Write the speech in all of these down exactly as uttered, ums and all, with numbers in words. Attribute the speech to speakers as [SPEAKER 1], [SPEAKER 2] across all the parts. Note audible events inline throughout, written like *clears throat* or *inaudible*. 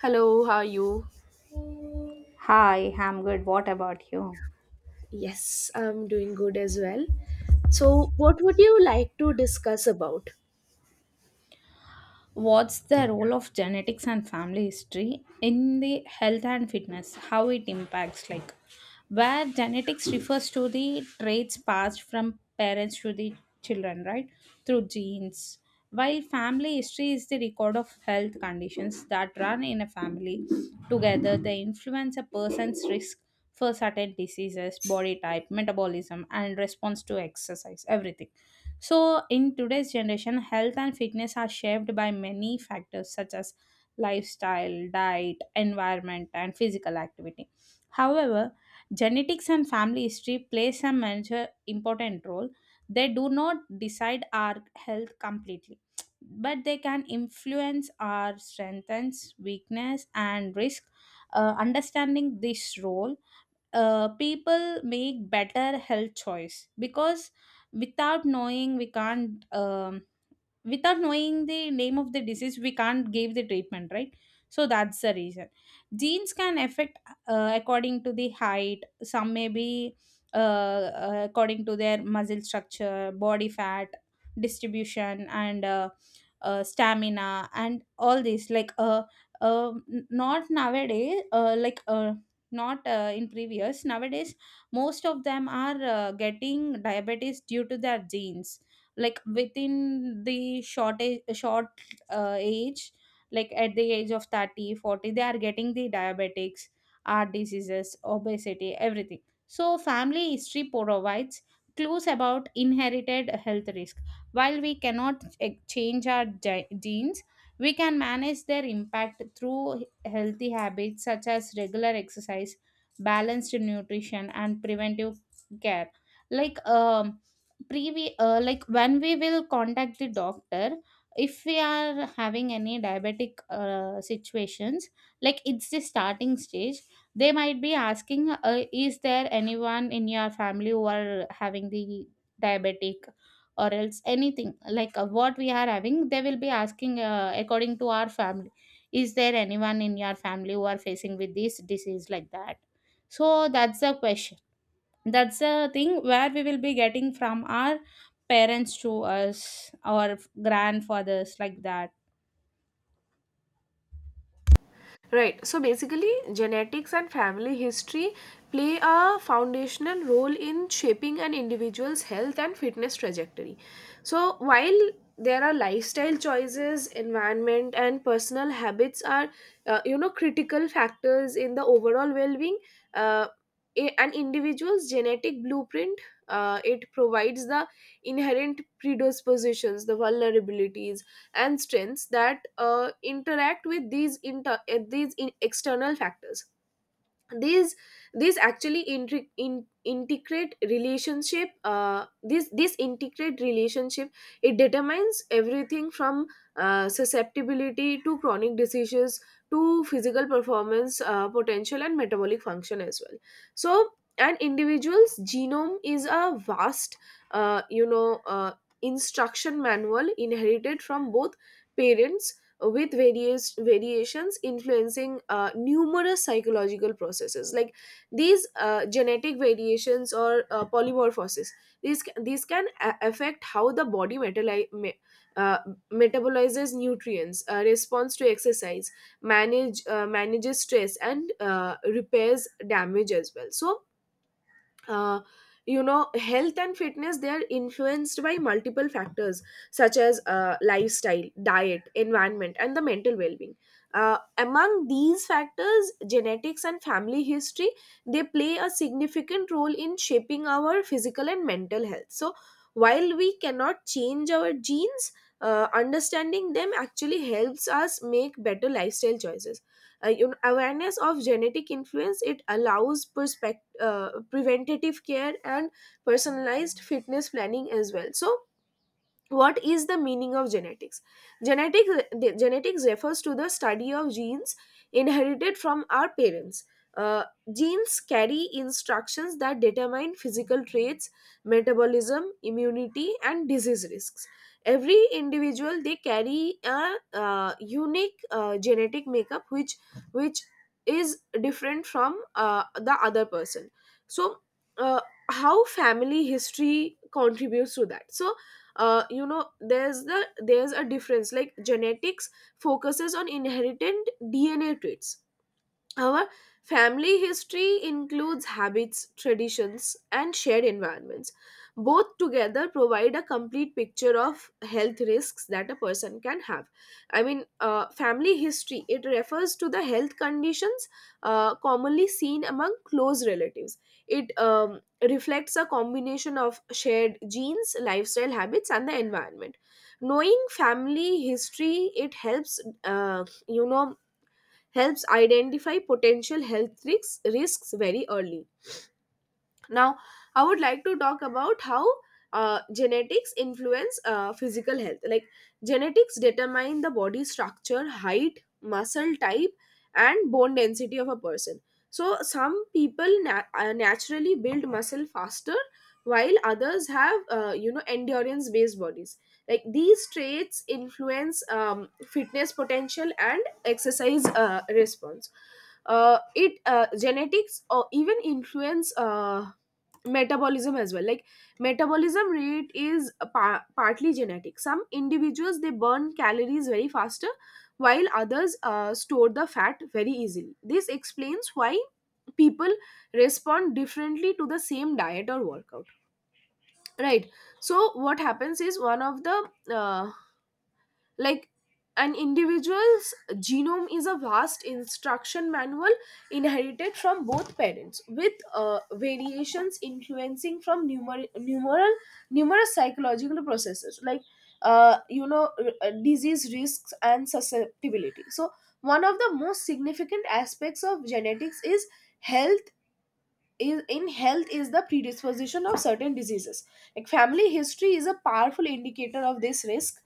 [SPEAKER 1] Hello, how are you?
[SPEAKER 2] Hi, I'm good. What about you?
[SPEAKER 1] Yes, I'm doing good as well. So, what would you like to discuss about?
[SPEAKER 2] What's the role of genetics and family history in the health and fitness? How it impacts, like where genetics refers to the traits passed from parents to the children, right? Through genes. While family history is the record of health conditions that run in a family together, they influence a person's risk for certain diseases, body type, metabolism, and response to exercise, everything. So, in today's generation, health and fitness are shaped by many factors such as lifestyle, diet, environment, and physical activity. However, genetics and family history plays a major important role. They do not decide our health completely, but they can influence our strengths, weakness, and risk. Uh, understanding this role, uh, people make better health choice because without knowing we can't um, without knowing the name of the disease we can't give the treatment, right? So that's the reason genes can affect. Uh, according to the height some may be, uh, uh, according to their muscle structure, body fat distribution, and uh, uh, stamina and all this. Like uh, uh, n- not nowadays uh, like uh, not uh, in previous Nowadays most of them are uh, getting diabetes due to their genes, like within the short age, short uh, age Like at the age of thirty, forty, they are getting the diabetics, heart diseases, obesity, everything. So family history provides clues about inherited health risk. While we cannot ch- change our ge- genes, we can manage their impact through healthy habits such as regular exercise, balanced nutrition, and preventive care. Like um previ- uh, like when we will contact the doctor, if we are having any diabetic uh, situations, like it's the starting stage, they might be asking, uh, is there anyone in your family who are having the diabetic or else anything. Like uh, what we are having they will be asking, uh, according to our family, is there anyone in your family who are facing with this disease, like that. So that's the question. That's a thing where we will be getting from our parents to us, our grandfathers, like that.
[SPEAKER 1] Right. So basically, genetics and family history play a foundational role in shaping an individual's health and fitness trajectory. So while there are lifestyle choices, environment, and personal habits are, uh, you know, critical factors in the overall well-being. Uh, a- an individual's genetic blueprint uh, it provides the inherent predispositions, the vulnerabilities, and strengths that uh, interact with these inter- uh, these in external factors these these actually intri- in, integrate relationship, uh, this this integrate relationship, it determines everything from uh, susceptibility to chronic diseases to physical performance, uh, potential and metabolic function as well. So an individual's genome is a vast, uh, you know uh, instruction manual inherited from both parents, with various variations influencing uh, numerous psychological processes like these. Uh, genetic variations or uh, polymorphosis, these ca- these can a- affect how the body metali- me- uh, metabolizes nutrients, uh, responds to exercise, manage uh, manages stress, and uh, repairs damage as well. So uh, you know health and fitness, they are influenced by multiple factors such as uh, lifestyle, diet, environment, and the mental well-being. Uh, among these factors, genetics and family history, they play a significant role in shaping our physical and mental health. So while we cannot change our genes, uh, understanding them actually helps us make better lifestyle choices. Uh, you know, awareness of genetic influence, it allows perspective, uh, preventative care and personalized fitness planning as well. So what is the meaning of genetics? genetic Genetics refers to the study of genes inherited from our parents. Uh, Genes carry instructions that determine physical traits, metabolism, immunity, and disease risks. Every individual, they carry a uh, unique uh, genetic makeup which which is different from uh, the other person. So uh, how family history contributes to that. So uh, you know, there's the there's a difference. Like, genetics focuses on inherited DNA traits. Our family history includes habits, traditions, and shared environments. Both together provide a complete picture of health risks that a person can have. I mean, uh, family history, it refers to the health conditions uh, commonly seen among close relatives. It um, reflects a combination of shared genes, lifestyle habits, and the environment. Knowing family history, it helps, uh, you know, helps identify potential health risks, risks very early. Now I would like to talk about how uh, genetics influence uh, physical health. Like, genetics determine the body structure, height, muscle type, and bone density of a person. So some people na- uh, naturally build muscle faster, while others have uh, you know endurance based bodies. Like, these traits influence um, fitness potential and exercise uh, response. Uh, it uh, Genetics or even influence uh, metabolism as well. Like, metabolism rate is a par- partly genetic. Some individuals, they burn calories very faster, while others uh, store the fat very easily. This explains why people respond differently to the same diet or workout, right? So what happens is, one of the uh, like an individual's genome is a vast instruction manual inherited from both parents, with uh, variations influencing from numer- numeral, numerous psychological processes like, uh, you know r- uh, disease risks and susceptibility. So one of the most significant aspects of genetics is health is in health is the predisposition of certain diseases. Like, family history is a powerful indicator of this risk,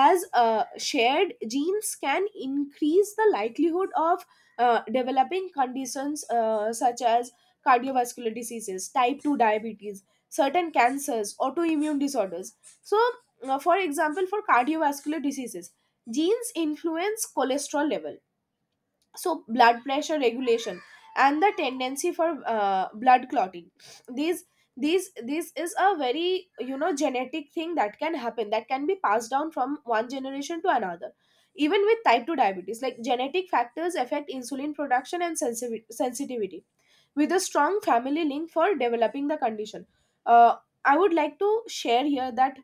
[SPEAKER 1] as uh, shared genes can increase the likelihood of uh, developing conditions uh, such as cardiovascular diseases, type two diabetes, certain cancers, autoimmune disorders. So uh, for example, for cardiovascular diseases, genes influence cholesterol level, so blood pressure regulation and the tendency for uh, blood clotting. These these This is a very, you know, genetic thing that can happen, that can be passed down from one generation to another. Even with type two diabetes, like, genetic factors affect insulin production and sensivi- sensitivity, with a strong family link for developing the condition. uh, I would like to share here that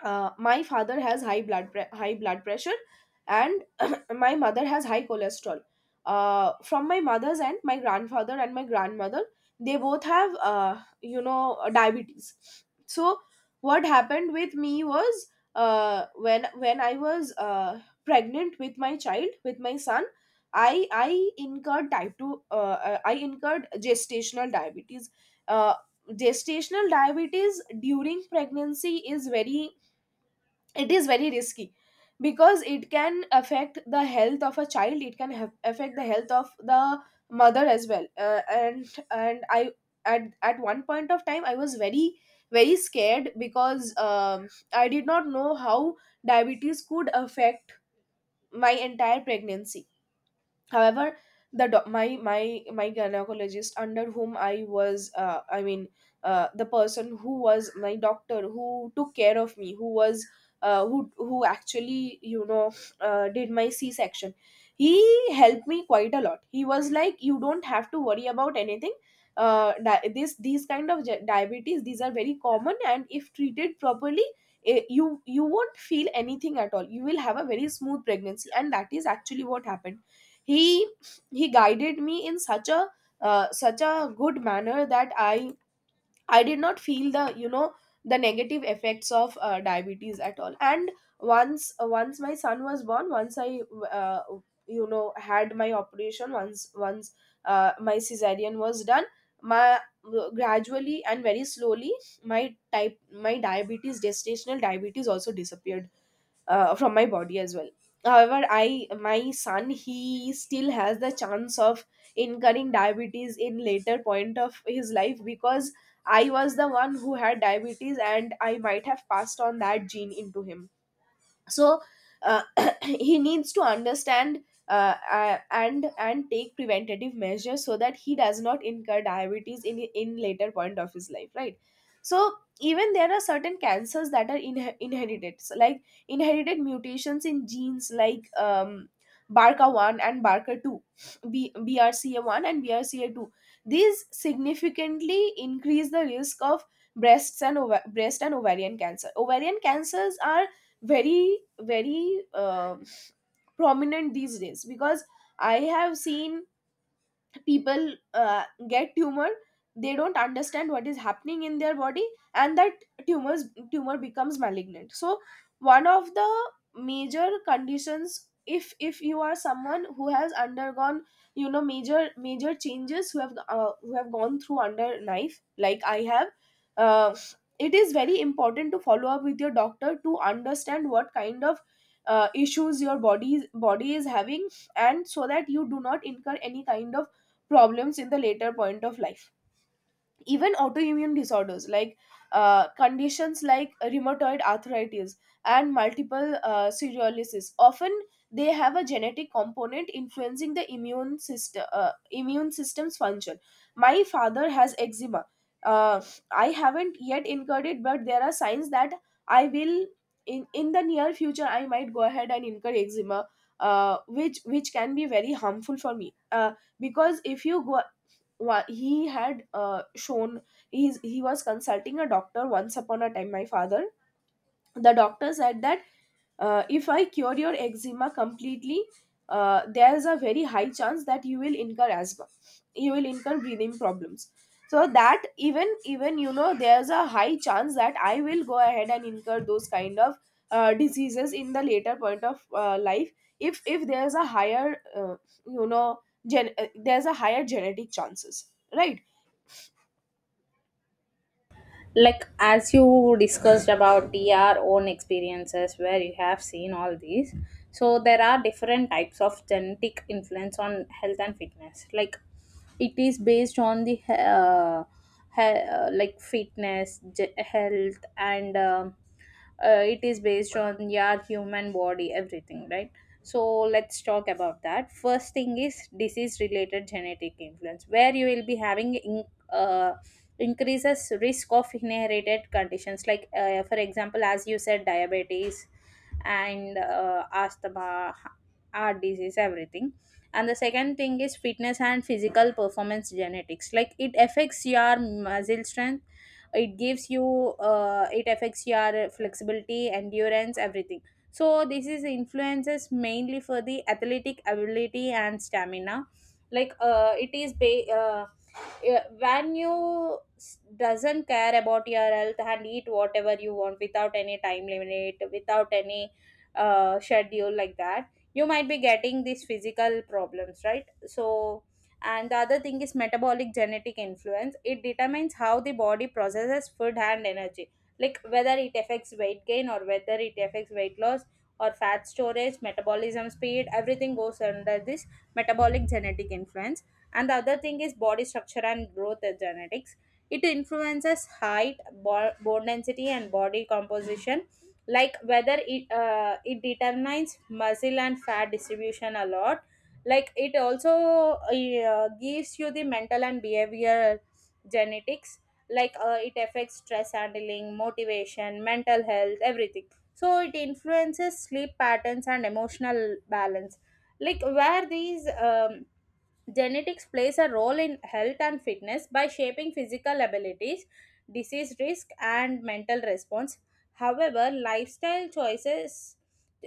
[SPEAKER 1] uh, my father has high blood pre- high blood pressure, and *clears throat* my mother has high cholesterol. Uh, from my mother's end, my grandfather and my grandmother, they both have, uh, you know diabetes. So what happened with me was, uh, when when I was, uh, pregnant with my child, with my son, I I incurred type two uh, uh, I incurred gestational diabetes. uh, Gestational diabetes during pregnancy is very, it is very risky, because it can affect the health of a child, it can have, affect the health of the mother as well. Uh, and and I, at, at one point of time, I was very very scared, because um, I did not know how diabetes could affect my entire pregnancy. However, the doc my my my gynecologist, under whom I was, uh, I mean, uh, the person who was my doctor, who took care of me, who was, uh, who who actually, you know, uh, did my c section he helped me quite a lot. He was like, you don't have to worry about anything. Uh, di- this These kind of ge- diabetes, these are very common, and if treated properly, eh, you you won't feel anything at all. You will have a very smooth pregnancy, and that is actually what happened. he he guided me in such a, uh, such a good manner, that I I did not feel the, you know, the negative effects of uh, diabetes at all. And once once my son was born, once I uh, you know, had my operation, once once uh, my cesarean was done, my gradually and very slowly, my type my diabetes, gestational diabetes, also disappeared uh, from my body as well. However, I my son, he still has the chance of incurring diabetes in later point of his life, because I was the one who had diabetes, and I might have passed on that gene into him. So uh, *coughs* *clears throat* he needs to understand, uh, uh, and and take preventative measures so that he does not incur diabetes in in later point of his life, right? So even there are certain cancers that are inhe- inherited. So like, inherited mutations in genes like, um, barca one and barca two, B- brca1 and B R C A two, these significantly increase the risk of breasts and ova- breast and ovarian cancer. Ovarian cancers are very very um prominent these days, because I have seen people uh, get tumor, they don't understand what is happening in their body, and that tumors tumor becomes malignant. So one of the major conditions, if if you are someone who has undergone, you know, major major changes, who have, uh, who have gone through under knife like I have, uh, it is very important to follow up with your doctor to understand what kind of uh, issues your body body is having, and so that you do not incur any kind of problems in the later point of life. Even autoimmune disorders, like, uh, conditions like rheumatoid arthritis and multiple uh, sclerosis often, they have a genetic component influencing the immune system, uh, immune system's function. My father has eczema. Uh, I haven't yet incurred it, but there are signs that I will. In in the near future I might go ahead and incur eczema, uh, which which can be very harmful for me. Uh, because if you go, wa- he had, uh, shown, he's, he was consulting a doctor once upon a time, my father. The doctor said that, uh, if I cure your eczema completely, uh, there's a very high chance that you will incur asthma, you will incur breathing problems. So that even, even you know, there's a high chance that I will go ahead and incur those kind of uh, diseases in the later point of uh, life, if if there's a higher, uh, you know gen- uh, there's a higher genetic chances, right?
[SPEAKER 2] Like as you discussed about your own experiences where you have seen all these, so there are different types of genetic influence on health and fitness. Like it is based on the uh, he- uh, like fitness ge- health and um uh, it is based on your human body, everything, right? So let's talk about that. First thing is disease related genetic influence where you will be having in, uh, increases risk of inherited conditions, like uh, for example as you said, diabetes and uh, asthma, heart disease, everything. And the second thing is fitness and physical performance genetics, like it affects your muscle strength, it gives you, uh, it affects your flexibility, endurance, everything. So this is influences mainly for the athletic ability and stamina. like uh, it is ba- uh, yeah, when you s- doesn't care about your health and eat whatever you want without any time limit, without any uh, schedule like that, you might be getting these physical problems, right? So, and the other thing is metabolic genetic influence. It determines how the body processes food and energy, like whether it affects weight gain or whether it affects weight loss or fat storage, metabolism speed, everything goes under this metabolic genetic influence. And the other thing is body structure and growth genetics. It influences height, bo- bone density, and body composition, like whether it uh, it determines muscle and fat distribution a lot. Like it also uh, gives you the mental and behavior genetics, like uh, it affects stress handling, motivation, mental health, everything. So it influences sleep patterns and emotional balance. Like where these um, Genetics plays a role in health and fitness by shaping physical abilities, disease risk, and mental response. However, lifestyle choices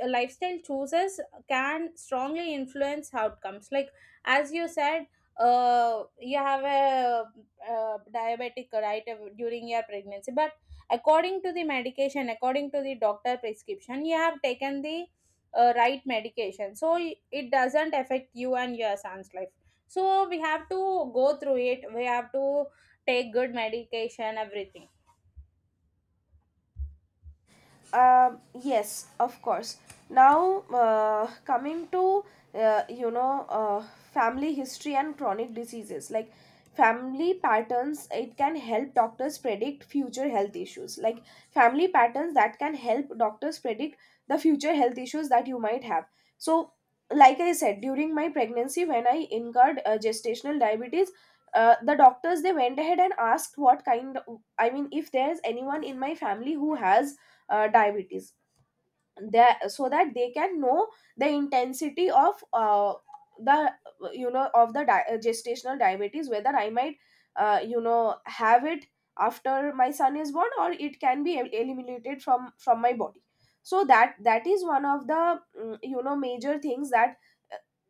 [SPEAKER 2] lifestyle choices can strongly influence outcomes, like as you said, uh, you have a, uh, diabetic, right, uh, during your pregnancy. But according to the medication, according to the doctor prescription, you have taken the uh, right medication, so it doesn't affect you and your son's life. So we have to go through it, we have to take good medication, everything.
[SPEAKER 1] Um, yes, of course. Now, uh, coming to uh, you know uh, family history and chronic diseases. Like, family patterns, it can help doctors predict future health issues. Like, family patterns that can help doctors predict the future health issues that you might have. So, like I said, during my pregnancy, when I incurred uh, gestational diabetes. Uh, the doctors, they went ahead and asked what kind, i mean if there's anyone in my family who has uh, diabetes, that so that they can know the intensity of uh, the, you know of the di- uh, gestational diabetes, whether I might uh, you know have it after my son is born, or it can be el- eliminated from from my body. So that, that is one of the mm, you know major things that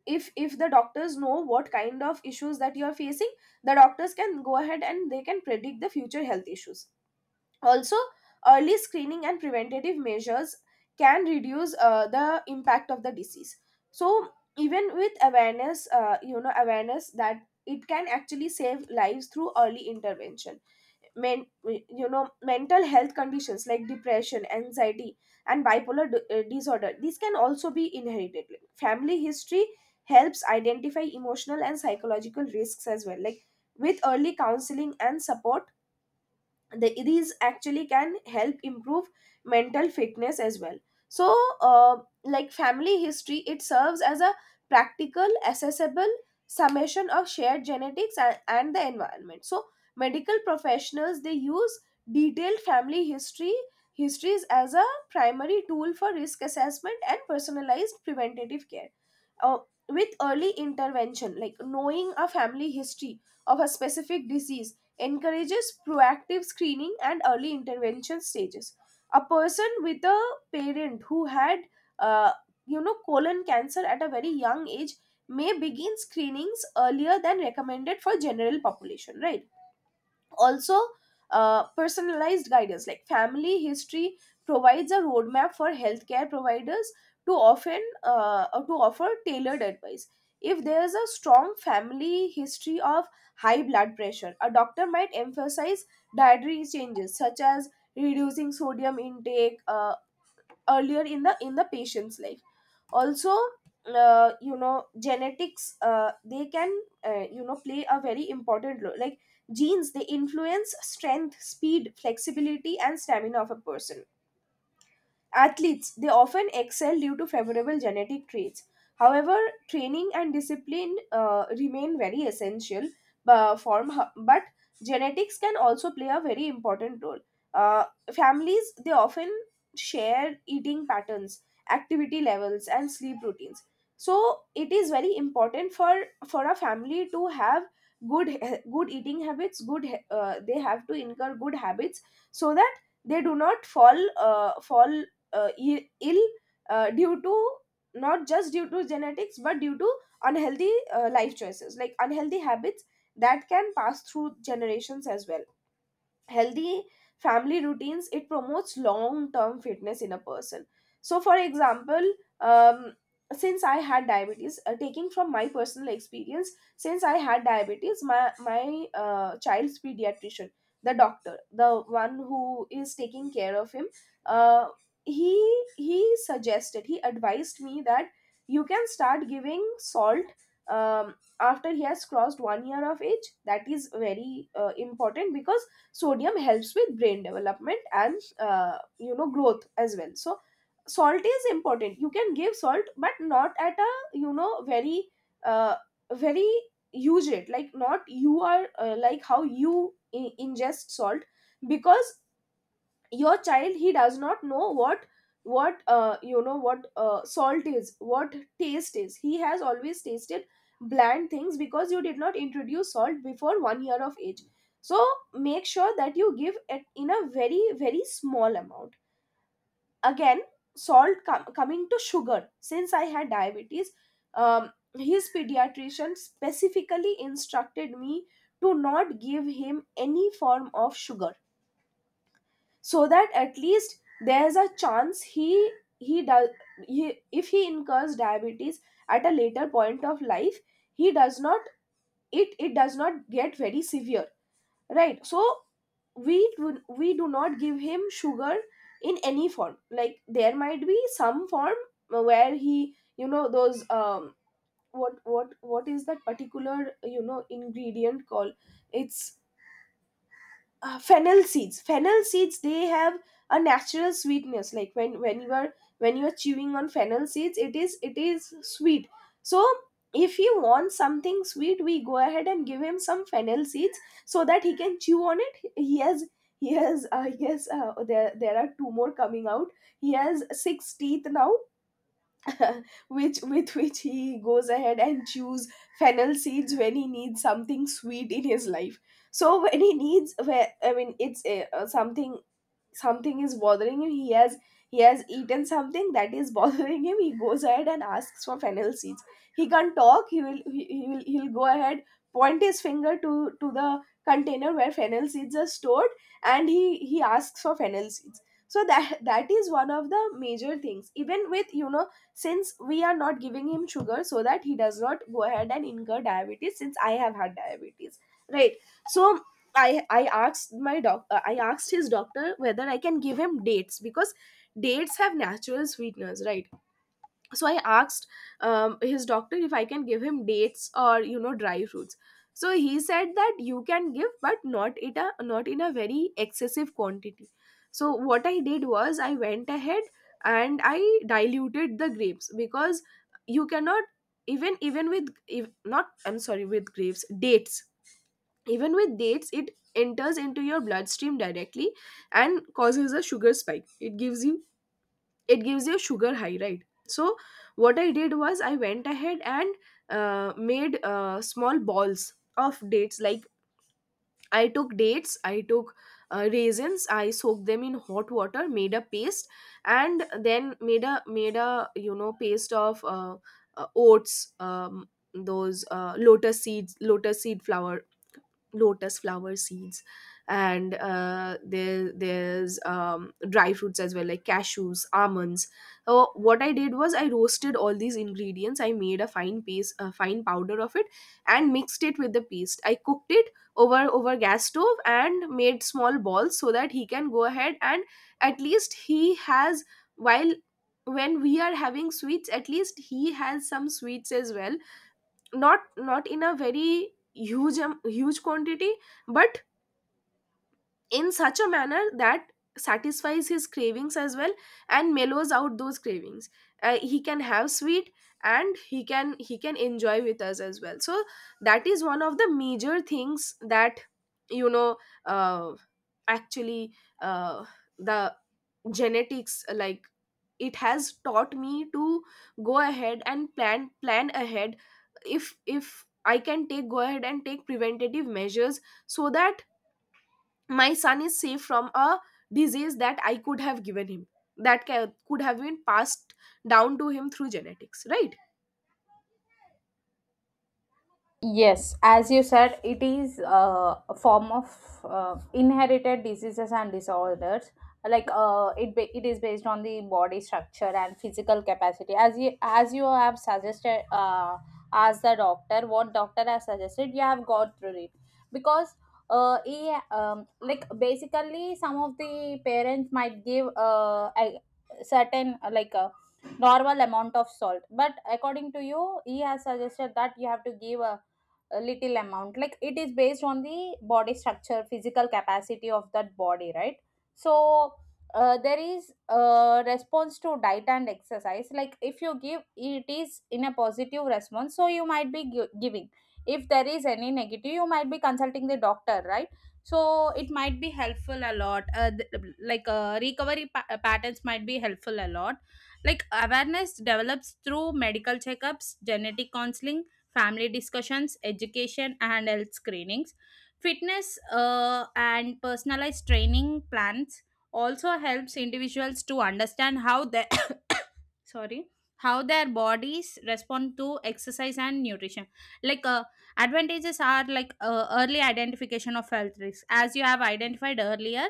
[SPEAKER 1] if if the doctors know what kind of issues that you are facing, the doctors can go ahead and they can predict the future health issues. Also, early screening and preventative measures can reduce uh, the impact of the disease. So even with awareness, uh, you know awareness that it can actually save lives through early intervention. Men, you know mental health conditions like depression, anxiety, and bipolar d- uh, disorder, these can also be inherited. Family history helps identify emotional and psychological risks as well, like with early counseling and support, the, these actually can help improve mental fitness as well. So uh, like family history, it serves as a practical, accessible summation of shared genetics and, and the environment. So medical professionals, they use detailed family history histories as a primary tool for risk assessment and personalized preventative care. uh, with early intervention, like knowing a family history of a specific disease, encourages proactive screening and early intervention stages. A person with a parent who had, uh, you know, colon cancer at a very young age, may begin screenings earlier than recommended for general population, right? Also, uh, personalized guidance, like family history, provides a roadmap for healthcare providers to often uh, uh, to offer tailored advice. If there is a strong family history of high blood pressure, a doctor might emphasize dietary changes such as reducing sodium intake uh, earlier in the in the patient's life. Also, uh, you know genetics, uh, they can, uh, you know play a very important role. Like genes, they influence strength, speed, flexibility, and stamina of a person. Athletes, they often excel due to favorable genetic traits. However, training and discipline uh, remain very essential uh, form, but genetics can also play a very important role. Uh, Families, they often share eating patterns, activity levels, and sleep routines. So it is very important for for a family to have good good eating habits. Good, uh, they have to incur good habits so that they do not fall uh, fall uh, i- ill uh, due to, not just due to genetics, but due to unhealthy uh, life choices. Like unhealthy habits that can pass through generations as well. Healthy family routines, it promotes long term fitness in a person. So for example, um, since I had diabetes, uh, taking from my personal experience, since I had diabetes, my my uh, child's pediatrician, the doctor, the one who is taking care of him, uh, he he suggested, he advised me that you can start giving salt um, after he has crossed one year of age. That is very uh, important because sodium helps with brain development and, uh, you know growth as well. So salt is important, you can give salt, but not at a, you know very uh, very huge rate. Like not, you are uh, like how you in- ingest salt, because your child, he does not know what, what uh, you know what uh, salt is, what taste is. He has always tasted bland things because you did not introduce salt before one year of age. So make sure that you give it in a very, very small amount. Again, salt com- coming to sugar, since I had diabetes, um, his pediatrician specifically instructed me to not give him any form of sugar, so that at least there's a chance, he he does he, if he incurs diabetes at a later point of life, he does not, it it does not get very severe, right? So we do, we do not give him sugar in any form. Like there might be some form where he, you know, those, um, what what what is that particular, you know ingredient called? It's uh, fennel seeds. Fennel seeds, they have a natural sweetness. Like when, when you are when you are chewing on fennel seeds, it is, it is sweet. So if he wants something sweet, we go ahead and give him some fennel seeds so that he can chew on it. He has, he has I guess, uh, there there are two more coming out. He has six teeth now *laughs* which with which he goes ahead and chews fennel seeds when he needs something sweet in his life. So when he needs, where I mean, it's uh, uh, something, something is bothering him. He has, he has eaten something that is *laughs* bothering him, he goes ahead and asks for fennel seeds. He can't talk, he will, he, he will, he'll go ahead, point his finger to to the container where fennel seeds are stored, and he he asks for fennel seeds. So that, that is one of the major things. Even with, you know, since we are not giving him sugar, so that he does not go ahead and incur diabetes, since I have had diabetes, right? So I I asked my doc uh, I asked his doctor whether I can give him dates, because dates have natural sweeteners, right? So I asked, um, his doctor, if I can give him dates, or you know, dry fruits. So he said that you can give, but not in a, not in a very excessive quantity. So what I did was, I went ahead and I diluted the grapes, because you cannot, even, even with if not I'm sorry, with grapes dates. Even with dates, it enters into your bloodstream directly and causes a sugar spike. It gives you, it gives you a sugar high, right? So what I did was, I went ahead and uh, made uh, small balls of dates. Like I took dates, I took uh, raisins, I soaked them in hot water, made a paste, and then made a, made a you know, paste of uh, uh, oats, um, those uh, lotus seeds, lotus seed flowers, lotus flower seeds, and uh, there there's, um, dry fruits as well, like cashews, almonds. So what I did was, I roasted all these ingredients, I made a fine paste, a fine powder of it, and mixed it with the paste. I cooked it over, over gas stove, and made small balls so that he can go ahead, and at least he has, while, when we are having sweets, at least he has some sweets as well. Not, not in a very huge am- huge quantity, but in such a manner that satisfies his cravings as well and mellows out those cravings. Uh, he can have sweet, and he can, he can enjoy with us as well. So that is one of the major things that, you know, uh, actually, uh, the genetics, like, it has taught me to go ahead and plan plan ahead. If if I can take go ahead and take preventative measures so that my son is safe from a disease that I could have given him, that ca- could have been passed down to him through genetics, right?
[SPEAKER 2] Yes, as you said, it is uh, a form of uh, inherited diseases and disorders. Like uh, it, ba- it is based on the body structure and physical capacity. As you as you have suggested, uh, as the doctor, what doctor has suggested, you have gone through it, because uh, he, um, like basically some of the parents might give uh, a certain uh, like a normal amount of salt, but according to you, he has suggested that you have to give a a little amount, like it is based on the body structure, physical capacity of that body, right? So uh, there is a response to diet and exercise, like if you give it is in a positive response, so you might be gi- giving. If there is any negative you might be consulting the doctor, right? So it might be helpful a lot. Uh, th- like uh, recovery pa- uh, patterns might be helpful a lot. Like awareness develops through medical checkups, genetic counseling, family discussions, education, and health screenings. Fitness uh, and personalized training plans also helps individuals to understand how their *coughs* sorry, how their bodies respond to exercise and nutrition. Like uh, advantages are like, uh, early identification of health risks, as you have identified earlier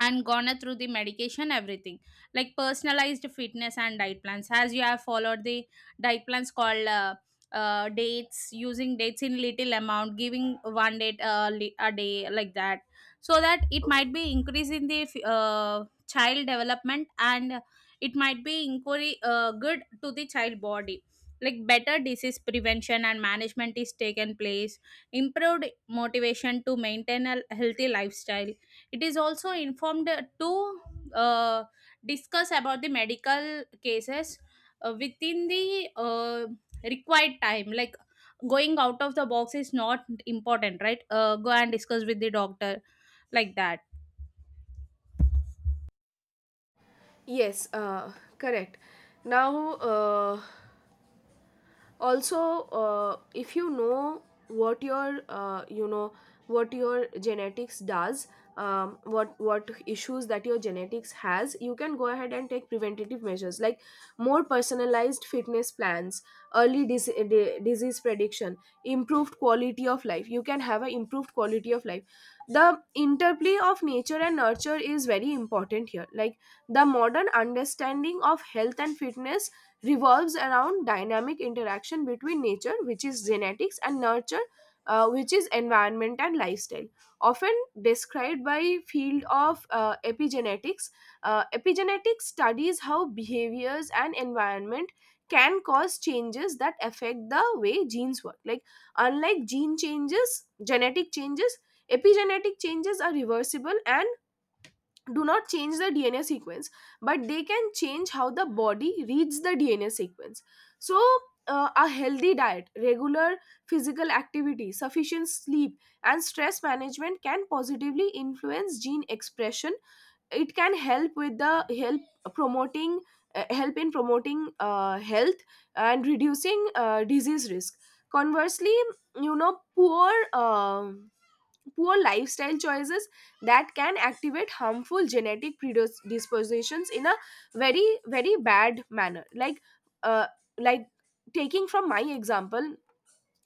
[SPEAKER 2] and gone through the medication, everything. Like personalized fitness and diet plans, as you have followed the diet plans called, uh, uh, dates, using dates in little amount, giving one date uh, li- a day, like that. So that it might be increase in the f- uh, child development, and it might be inquiry uh, good to the child body. Like better disease prevention and management is taken place, improved motivation to maintain a healthy lifestyle. It is also informed to uh, discuss about the medical cases uh, within the uh, required time, like going out of the box is not important, right? Uh, go and discuss with the doctor, like that.
[SPEAKER 1] Yes, uh, correct. Now, uh, also, uh, if you know what your, uh, you know what your genetics does, um, what what issues that your genetics has, you can go ahead and take preventative measures like more personalized fitness plans, early dis- di- disease prediction, improved quality of life. You can have an improved quality of life. The interplay of nature and nurture is very important here. Like the modern understanding of health and fitness revolves around dynamic interaction between nature, which is genetics, and nurture, uh, which is environment and lifestyle. Often described by field of uh, epigenetics, uh, epigenetics studies how behaviors and environment can cause changes that affect the way genes work. Like unlike gene changes, genetic changes, epigenetic changes are reversible and do not change the D N A sequence, but they can change how the body reads the D N A sequence. So, uh, a healthy diet, regular physical activity, sufficient sleep, and stress management can positively influence gene expression. It can help with the help promoting uh, help in promoting uh, health and reducing uh, disease risk. Conversely, you know, poor. um poor lifestyle choices, that can activate harmful genetic predispositions in a very, very bad manner. Like uh, like taking from my example,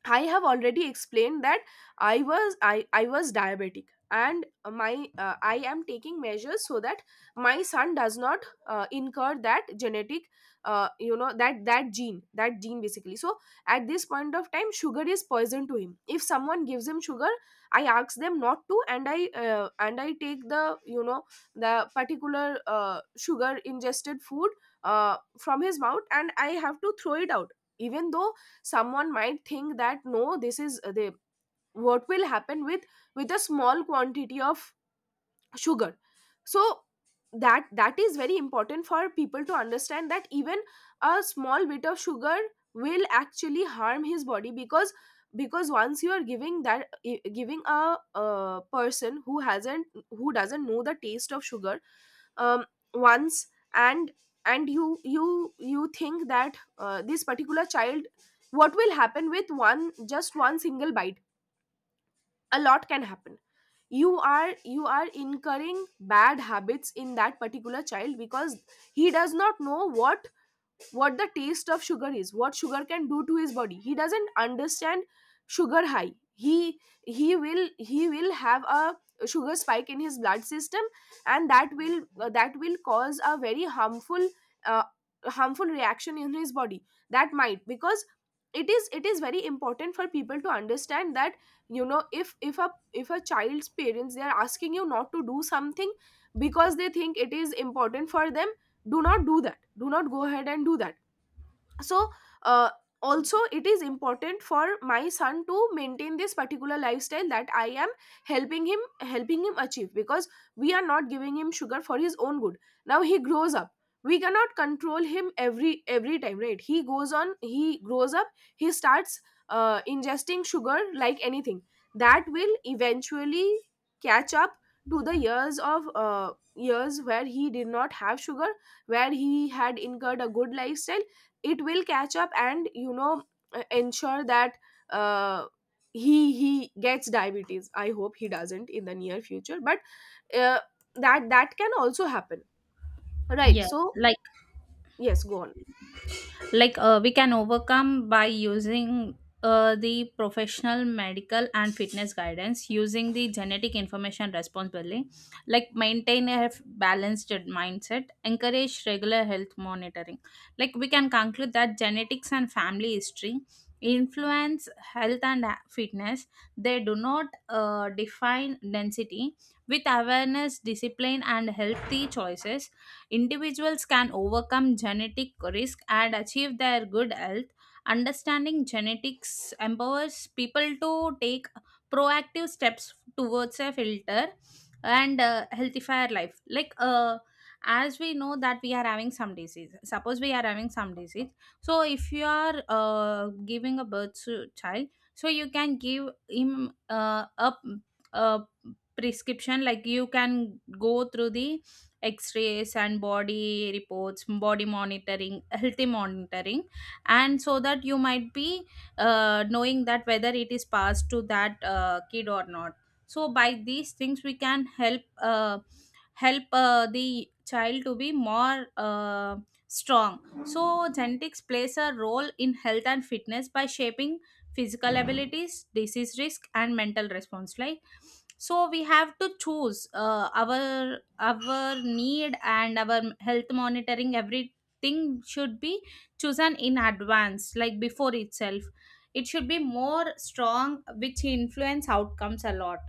[SPEAKER 1] I have already explained that I was I I was diabetic, and my uh, I am taking measures so that my son does not uh, incur that genetic, uh, you know that, that gene that gene basically. So at this point of time, sugar is poison to him. If someone gives him sugar, I ask them not to, and I uh, and I take the, you know, the particular uh, sugar ingested food uh, from his mouth, and I have to throw it out. Even though someone might think that, no, this is uh, the what will happen with with a small quantity of sugar. So that, that is very important for people to understand that even a small bit of sugar will actually harm his body. because because once you are giving that i- giving a, a person who hasn't, who doesn't know the taste of sugar, um, once, and and you you you think that, uh, this particular child, what will happen with one just one single bite. A lot can happen. you are you are incurring bad habits in that particular child because he does not know what what the taste of sugar is, what sugar can do to his body. He doesn't understand sugar high. he he will, he will have a sugar spike in his blood system, and that will, that will cause a very harmful, uh, harmful reaction in his body. That might, because it is, it is very important for people to understand that, you know, if if a, if a child's parents, they are asking you not to do something because they think it is important for them, do not do that. Do not go ahead and do that. So uh, also, it is important for my son to maintain this particular lifestyle that I am helping him helping him achieve, because we are not giving him sugar for his own good. Now he grows up, we cannot control him every every time, right? He goes on, he grows up, he starts uh, ingesting sugar like anything, that will eventually catch up to the years of, uh, years where he did not have sugar, where he had incurred a good lifestyle. It will catch up, and you know, uh, ensure that, uh, he he gets diabetes. I hope he doesn't in the near future, but uh, that, that can also happen, right?
[SPEAKER 2] Yes.
[SPEAKER 1] So
[SPEAKER 2] like
[SPEAKER 1] yes, go on.
[SPEAKER 2] like uh, we can overcome by using uh, the professional medical and fitness guidance, using the genetic information responsibly, like maintain a balanced mindset, encourage regular health monitoring. Like we can conclude that genetics and family history influence health and ha- fitness. They do not uh, define density. With awareness, discipline, and healthy choices, individuals can overcome genetic risk and achieve their good health. Understanding genetics empowers people to take proactive steps towards a filter and uh, healthifier life. Like, uh, as we know that we are having some disease, suppose we are having some disease, so if you are uh, giving a birth to child, so you can give him uh, a, a prescription, like you can go through the x-rays and body reports, body monitoring, healthy monitoring, and so that you might be uh, knowing that whether it is passed to that uh, kid or not. So by these things we can help uh, help uh, the child to be more uh, strong. So genetics plays a role in health and fitness by shaping physical abilities, disease risk, and mental response. Like so we have to choose, uh, our our need and our health monitoring, everything should be chosen in advance, like before itself. It should be more strong, which influence outcomes a lot.